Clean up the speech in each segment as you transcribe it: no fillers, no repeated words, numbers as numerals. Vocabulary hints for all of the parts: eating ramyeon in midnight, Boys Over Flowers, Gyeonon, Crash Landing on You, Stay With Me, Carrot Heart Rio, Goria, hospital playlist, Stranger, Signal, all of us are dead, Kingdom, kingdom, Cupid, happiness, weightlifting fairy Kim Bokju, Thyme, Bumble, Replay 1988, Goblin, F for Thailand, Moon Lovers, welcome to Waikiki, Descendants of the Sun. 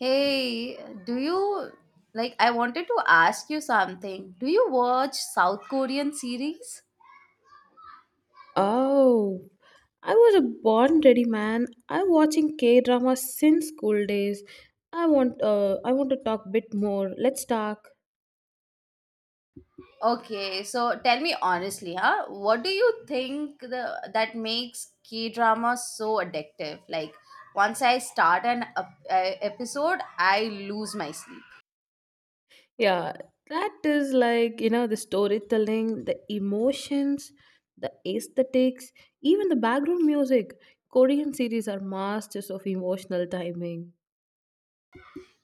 Hey, do you like I wanted to ask you something. Do you watch South Korean series? Oh, I was a born ready man. I'm watching K drama since school days. I want to talk bit more. Let's talk. Okay, so tell me honestly, huh? What do you think the that makes K-drama so addictive? Like once I start an episode, I lose my sleep. Yeah, that is like the storytelling, the emotions, the aesthetics, even the background music. Korean series are masters of emotional timing.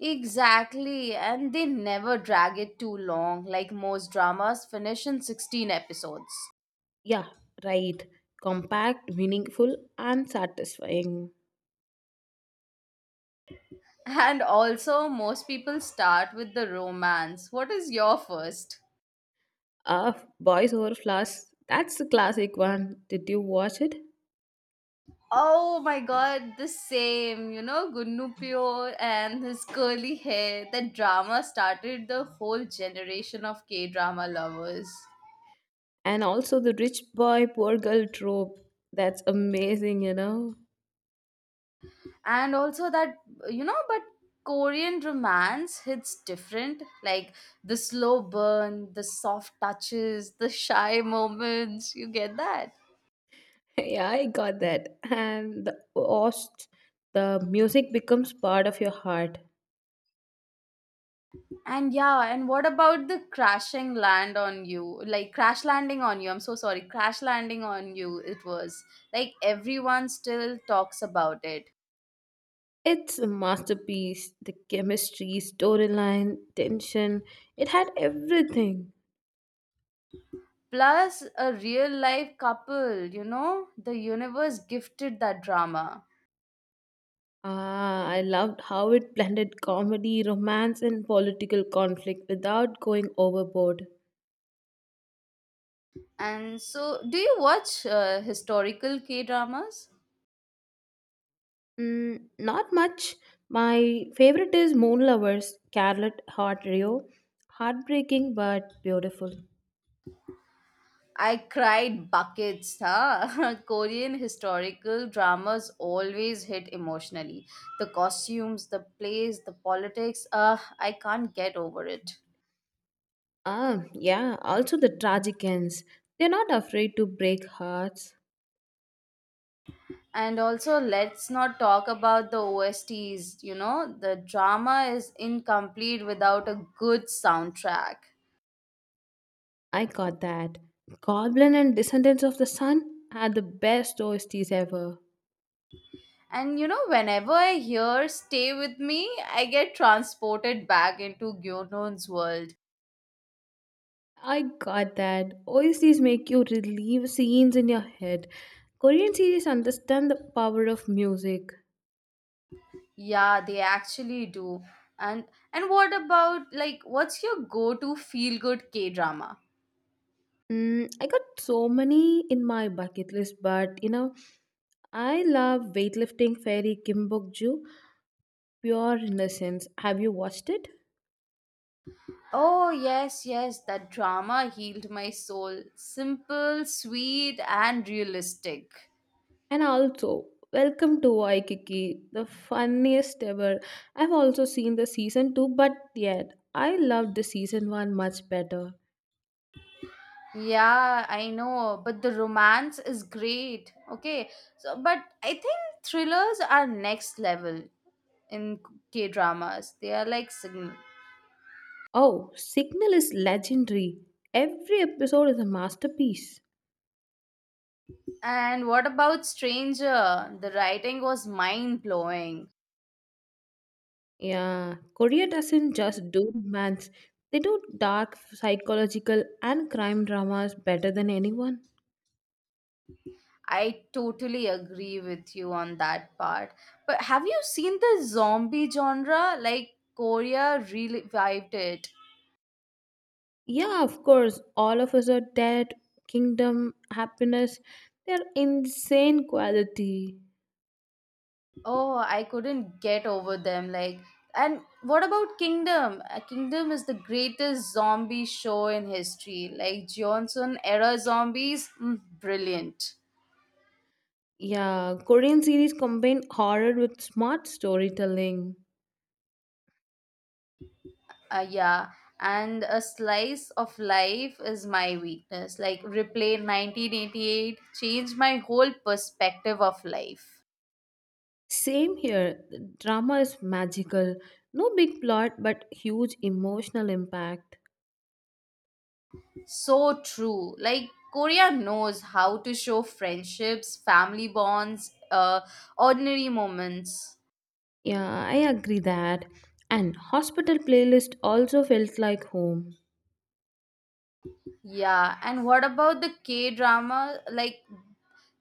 Exactly, and they never drag it too long. Like most dramas finish in 16 episodes. Yeah, right. Compact, meaningful, and satisfying. And also, most people start with the romance. What is your first? Ah, Boys Over Flowers. That's a classic one. Did you watch it? Oh my god, the same. You know, Gunnupio and his curly hair. That drama started the whole generation of K drama lovers. And also the rich boy, poor girl trope. That's amazing, you know? And also, that, you know, but Korean romance hits different. Like the slow burn, the soft touches, the shy moments. You get that? Yeah, I got that. And the host, the music becomes part of your heart. And yeah, and what about the crashing land on you? Like crash landing on you. I'm so sorry. Crash landing on you it was. Like everyone still talks about it. It's a masterpiece. The chemistry, storyline, tension, it had everything. Plus a real life couple. The universe gifted that drama. Ah, I loved how it blended comedy, romance, and political conflict without going overboard. And so do you watch historical K-dramas? Mm, not much. My favorite is Moon Lovers, Carrot Heart Rio. Heartbreaking but beautiful. I cried buckets, huh? Korean historical dramas always hit emotionally. The costumes, the plays, the politics, I can't get over it. Ah, yeah, also the tragic ends. They're not afraid to break hearts. And also, let's not talk about the OSTs. You know, the drama is incomplete without a good soundtrack. I got that. Goblin and Descendants of the Sun had the best OSTs ever. And you know, whenever I hear Stay With Me, I get transported back into Gyeonon's world. I got that. OSTs make you relive scenes in your head. Korean series understand the power of music. Yeah, they actually do. And what about what's your go-to feel-good K-drama? Mm, I got so many in my bucket list, but you know, I love weightlifting fairy Kim Bokju, pure innocence. Have you watched it? Oh, yes, yes, that drama healed my soul. Simple, sweet, and realistic. And also, welcome to Waikiki, the funniest ever. I've also seen the season two, but yet I loved the season one much better. Yeah, I know, but the romance is great. Okay. So, but I think thrillers are next level in K-dramas. They are like signal. Oh, Signal is legendary. Every episode is a masterpiece. And what about Stranger? The writing was mind-blowing. Yeah, Korea doesn't just do romance, they do dark psychological and crime dramas better than anyone. I totally agree with you on that part. But have you seen the zombie genre? Like Korea revived it. Yeah, of course, all of us are dead, kingdom, happiness, they're insane quality. Oh, I couldn't get over them. Like, and what about Kingdom? Kingdom is the greatest zombie show in history. Like Johnson era zombies, brilliant. Yeah, Korean series combine horror with smart storytelling. Uh, yeah, and a slice of life is my weakness. Like replay 1988 changed my whole perspective of life. Same here, the drama is magical. No big plot, but huge emotional impact. So true. Like Korea knows how to show friendships, family bonds, ordinary moments. Yeah, I agree that. And hospital playlist also felt like home. Yeah, and what about the K drama? Like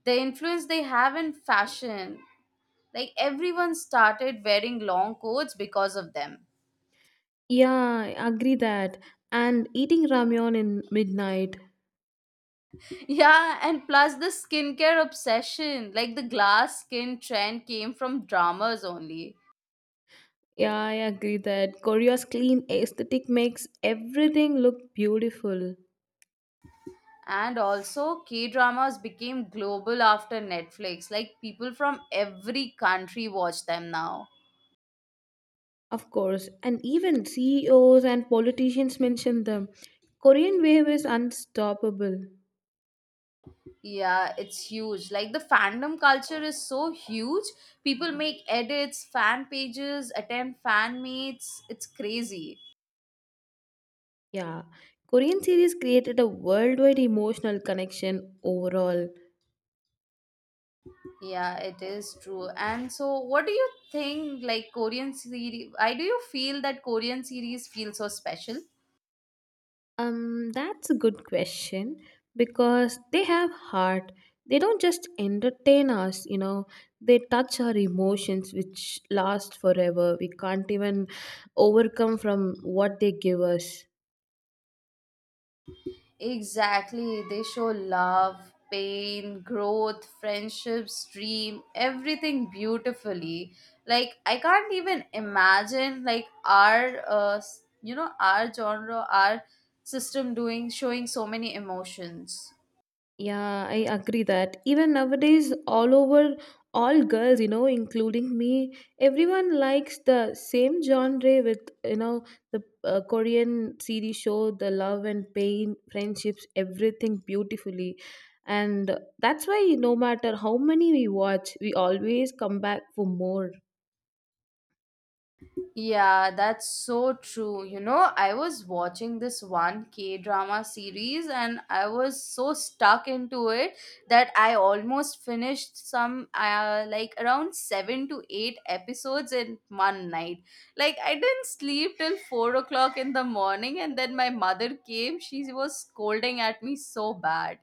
the influence they have in fashion. Like everyone started wearing long coats because of them. Yeah, I agree that. And eating ramyeon in midnight. Yeah, and plus the skincare obsession. Like the glass skin trend came from dramas only. Yeah, I agree that. Korea's clean aesthetic makes everything look beautiful. And also K dramas became global after Netflix. Like people from every country watch them now. Of course. And even CEOs and politicians mention them. Korean wave is unstoppable. Yeah, it's huge. Like the fandom culture is so huge. People make edits, fan pages, attend fan meets. It's crazy. Yeah. Korean series created a worldwide emotional connection overall. Yeah, it is true. And so what do you think like Korean series why do you feel that Korean series feel so special? That's a good question because they have heart. They don't just entertain us, you know, they touch our emotions which last forever. We can't even overcome from what they give us. Exactly. They show love, pain, growth, friendships, dream, everything beautifully. Like I can't even imagine like our you know our genre, our system doing showing so many emotions. Yeah, I agree that even nowadays, all over, all girls, you know, including me, everyone likes the same genre with, you know, the Korean series show, the love and pain, friendships, everything beautifully. And that's why no matter how many we watch, we always come back for more. Yeah, that's so true. You know, I was watching this one K drama series and I was so stuck into it that I almost finished some like around 7 to 8 episodes in one night. Like, I didn't sleep till 4 o'clock in the morning, and then my mother came. She was scolding at me so bad.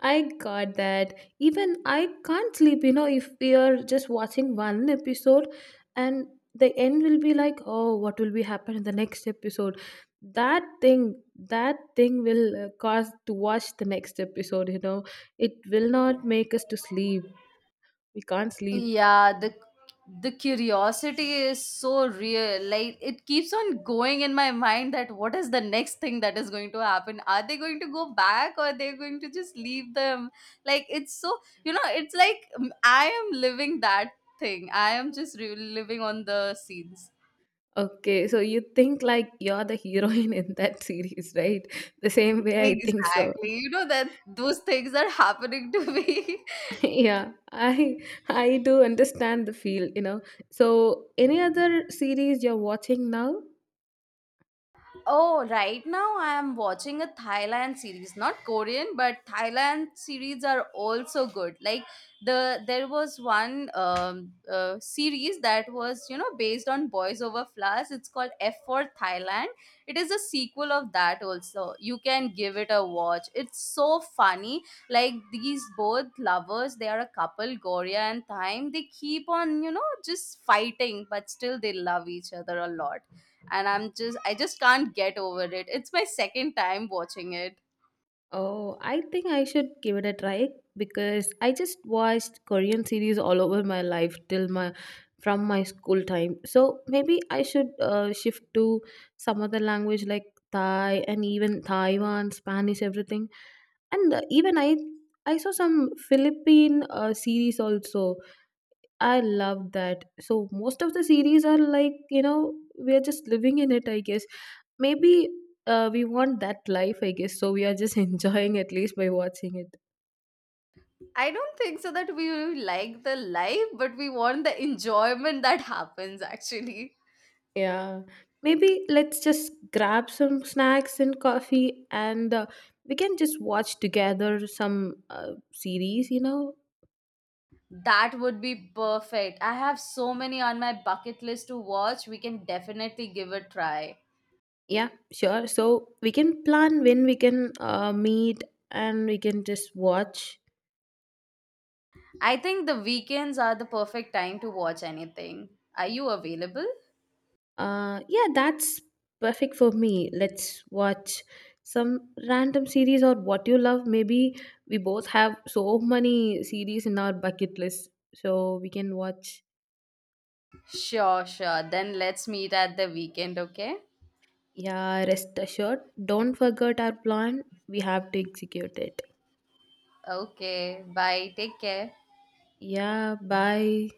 I got that. Even I can't sleep, you know, if we are just watching one episode and the end will be like, oh, what will be happen in the next episode? That thing will cause to watch the next episode, you know. It will not make us to sleep. We can't sleep. Yeah, the curiosity is so real. Like it keeps on going in my mind that what is the next thing that is going to happen? Are they going to go back or they're going to just leave them? Like it's so, you know, it's like I am living that thing. I am just living on the scenes. Okay, so you think like you're the heroine in that series, right? The same way I think so. Exactly. You know that those things are happening to me. Yeah, i I do understand the feel, you know. So any other series you're watching now? Oh, right now I am watching a Thailand series, not Korean, but Thailand series are also good. Like there was one series that was you know based on Boys Over Flowers. It's called F for Thailand. It is a sequel of that also. You can give it a watch. It's so funny. Like these both lovers, they are a couple, Goria and Thyme. They keep on you know just fighting, but still they love each other a lot, and I'm just I just can't get over it. It's my second time watching it. Oh, I think I should give it a try, because I just watched Korean series all over my life till my from my school time. So maybe I should shift to some other language like Thai and even Taiwan, Spanish, everything. And even I saw some Philippine series also. I love that. So most of the series are like, you know, we are just living in it, I guess. Maybe we want that life, I guess. So we are just enjoying at least by watching it. I don't think so that we like the life, but we want the enjoyment that happens actually. Yeah. Maybe let's just grab some snacks and coffee and we can just watch together some series, you know. That would be perfect. I have so many on my bucket list to watch. We can definitely give a try. Yeah, sure. So we can plan when we can meet and we can just watch. I think the weekends are the perfect time to watch anything. Are you available? Yeah, that's perfect for me. Let's watch some random series or what you love. Maybe we both have so many series in our bucket list, so we can watch. Sure, sure, then let's meet at the weekend. Okay. Yeah, rest assured, don't forget our plan. We have to execute it. Okay, bye, take care. Yeah, bye.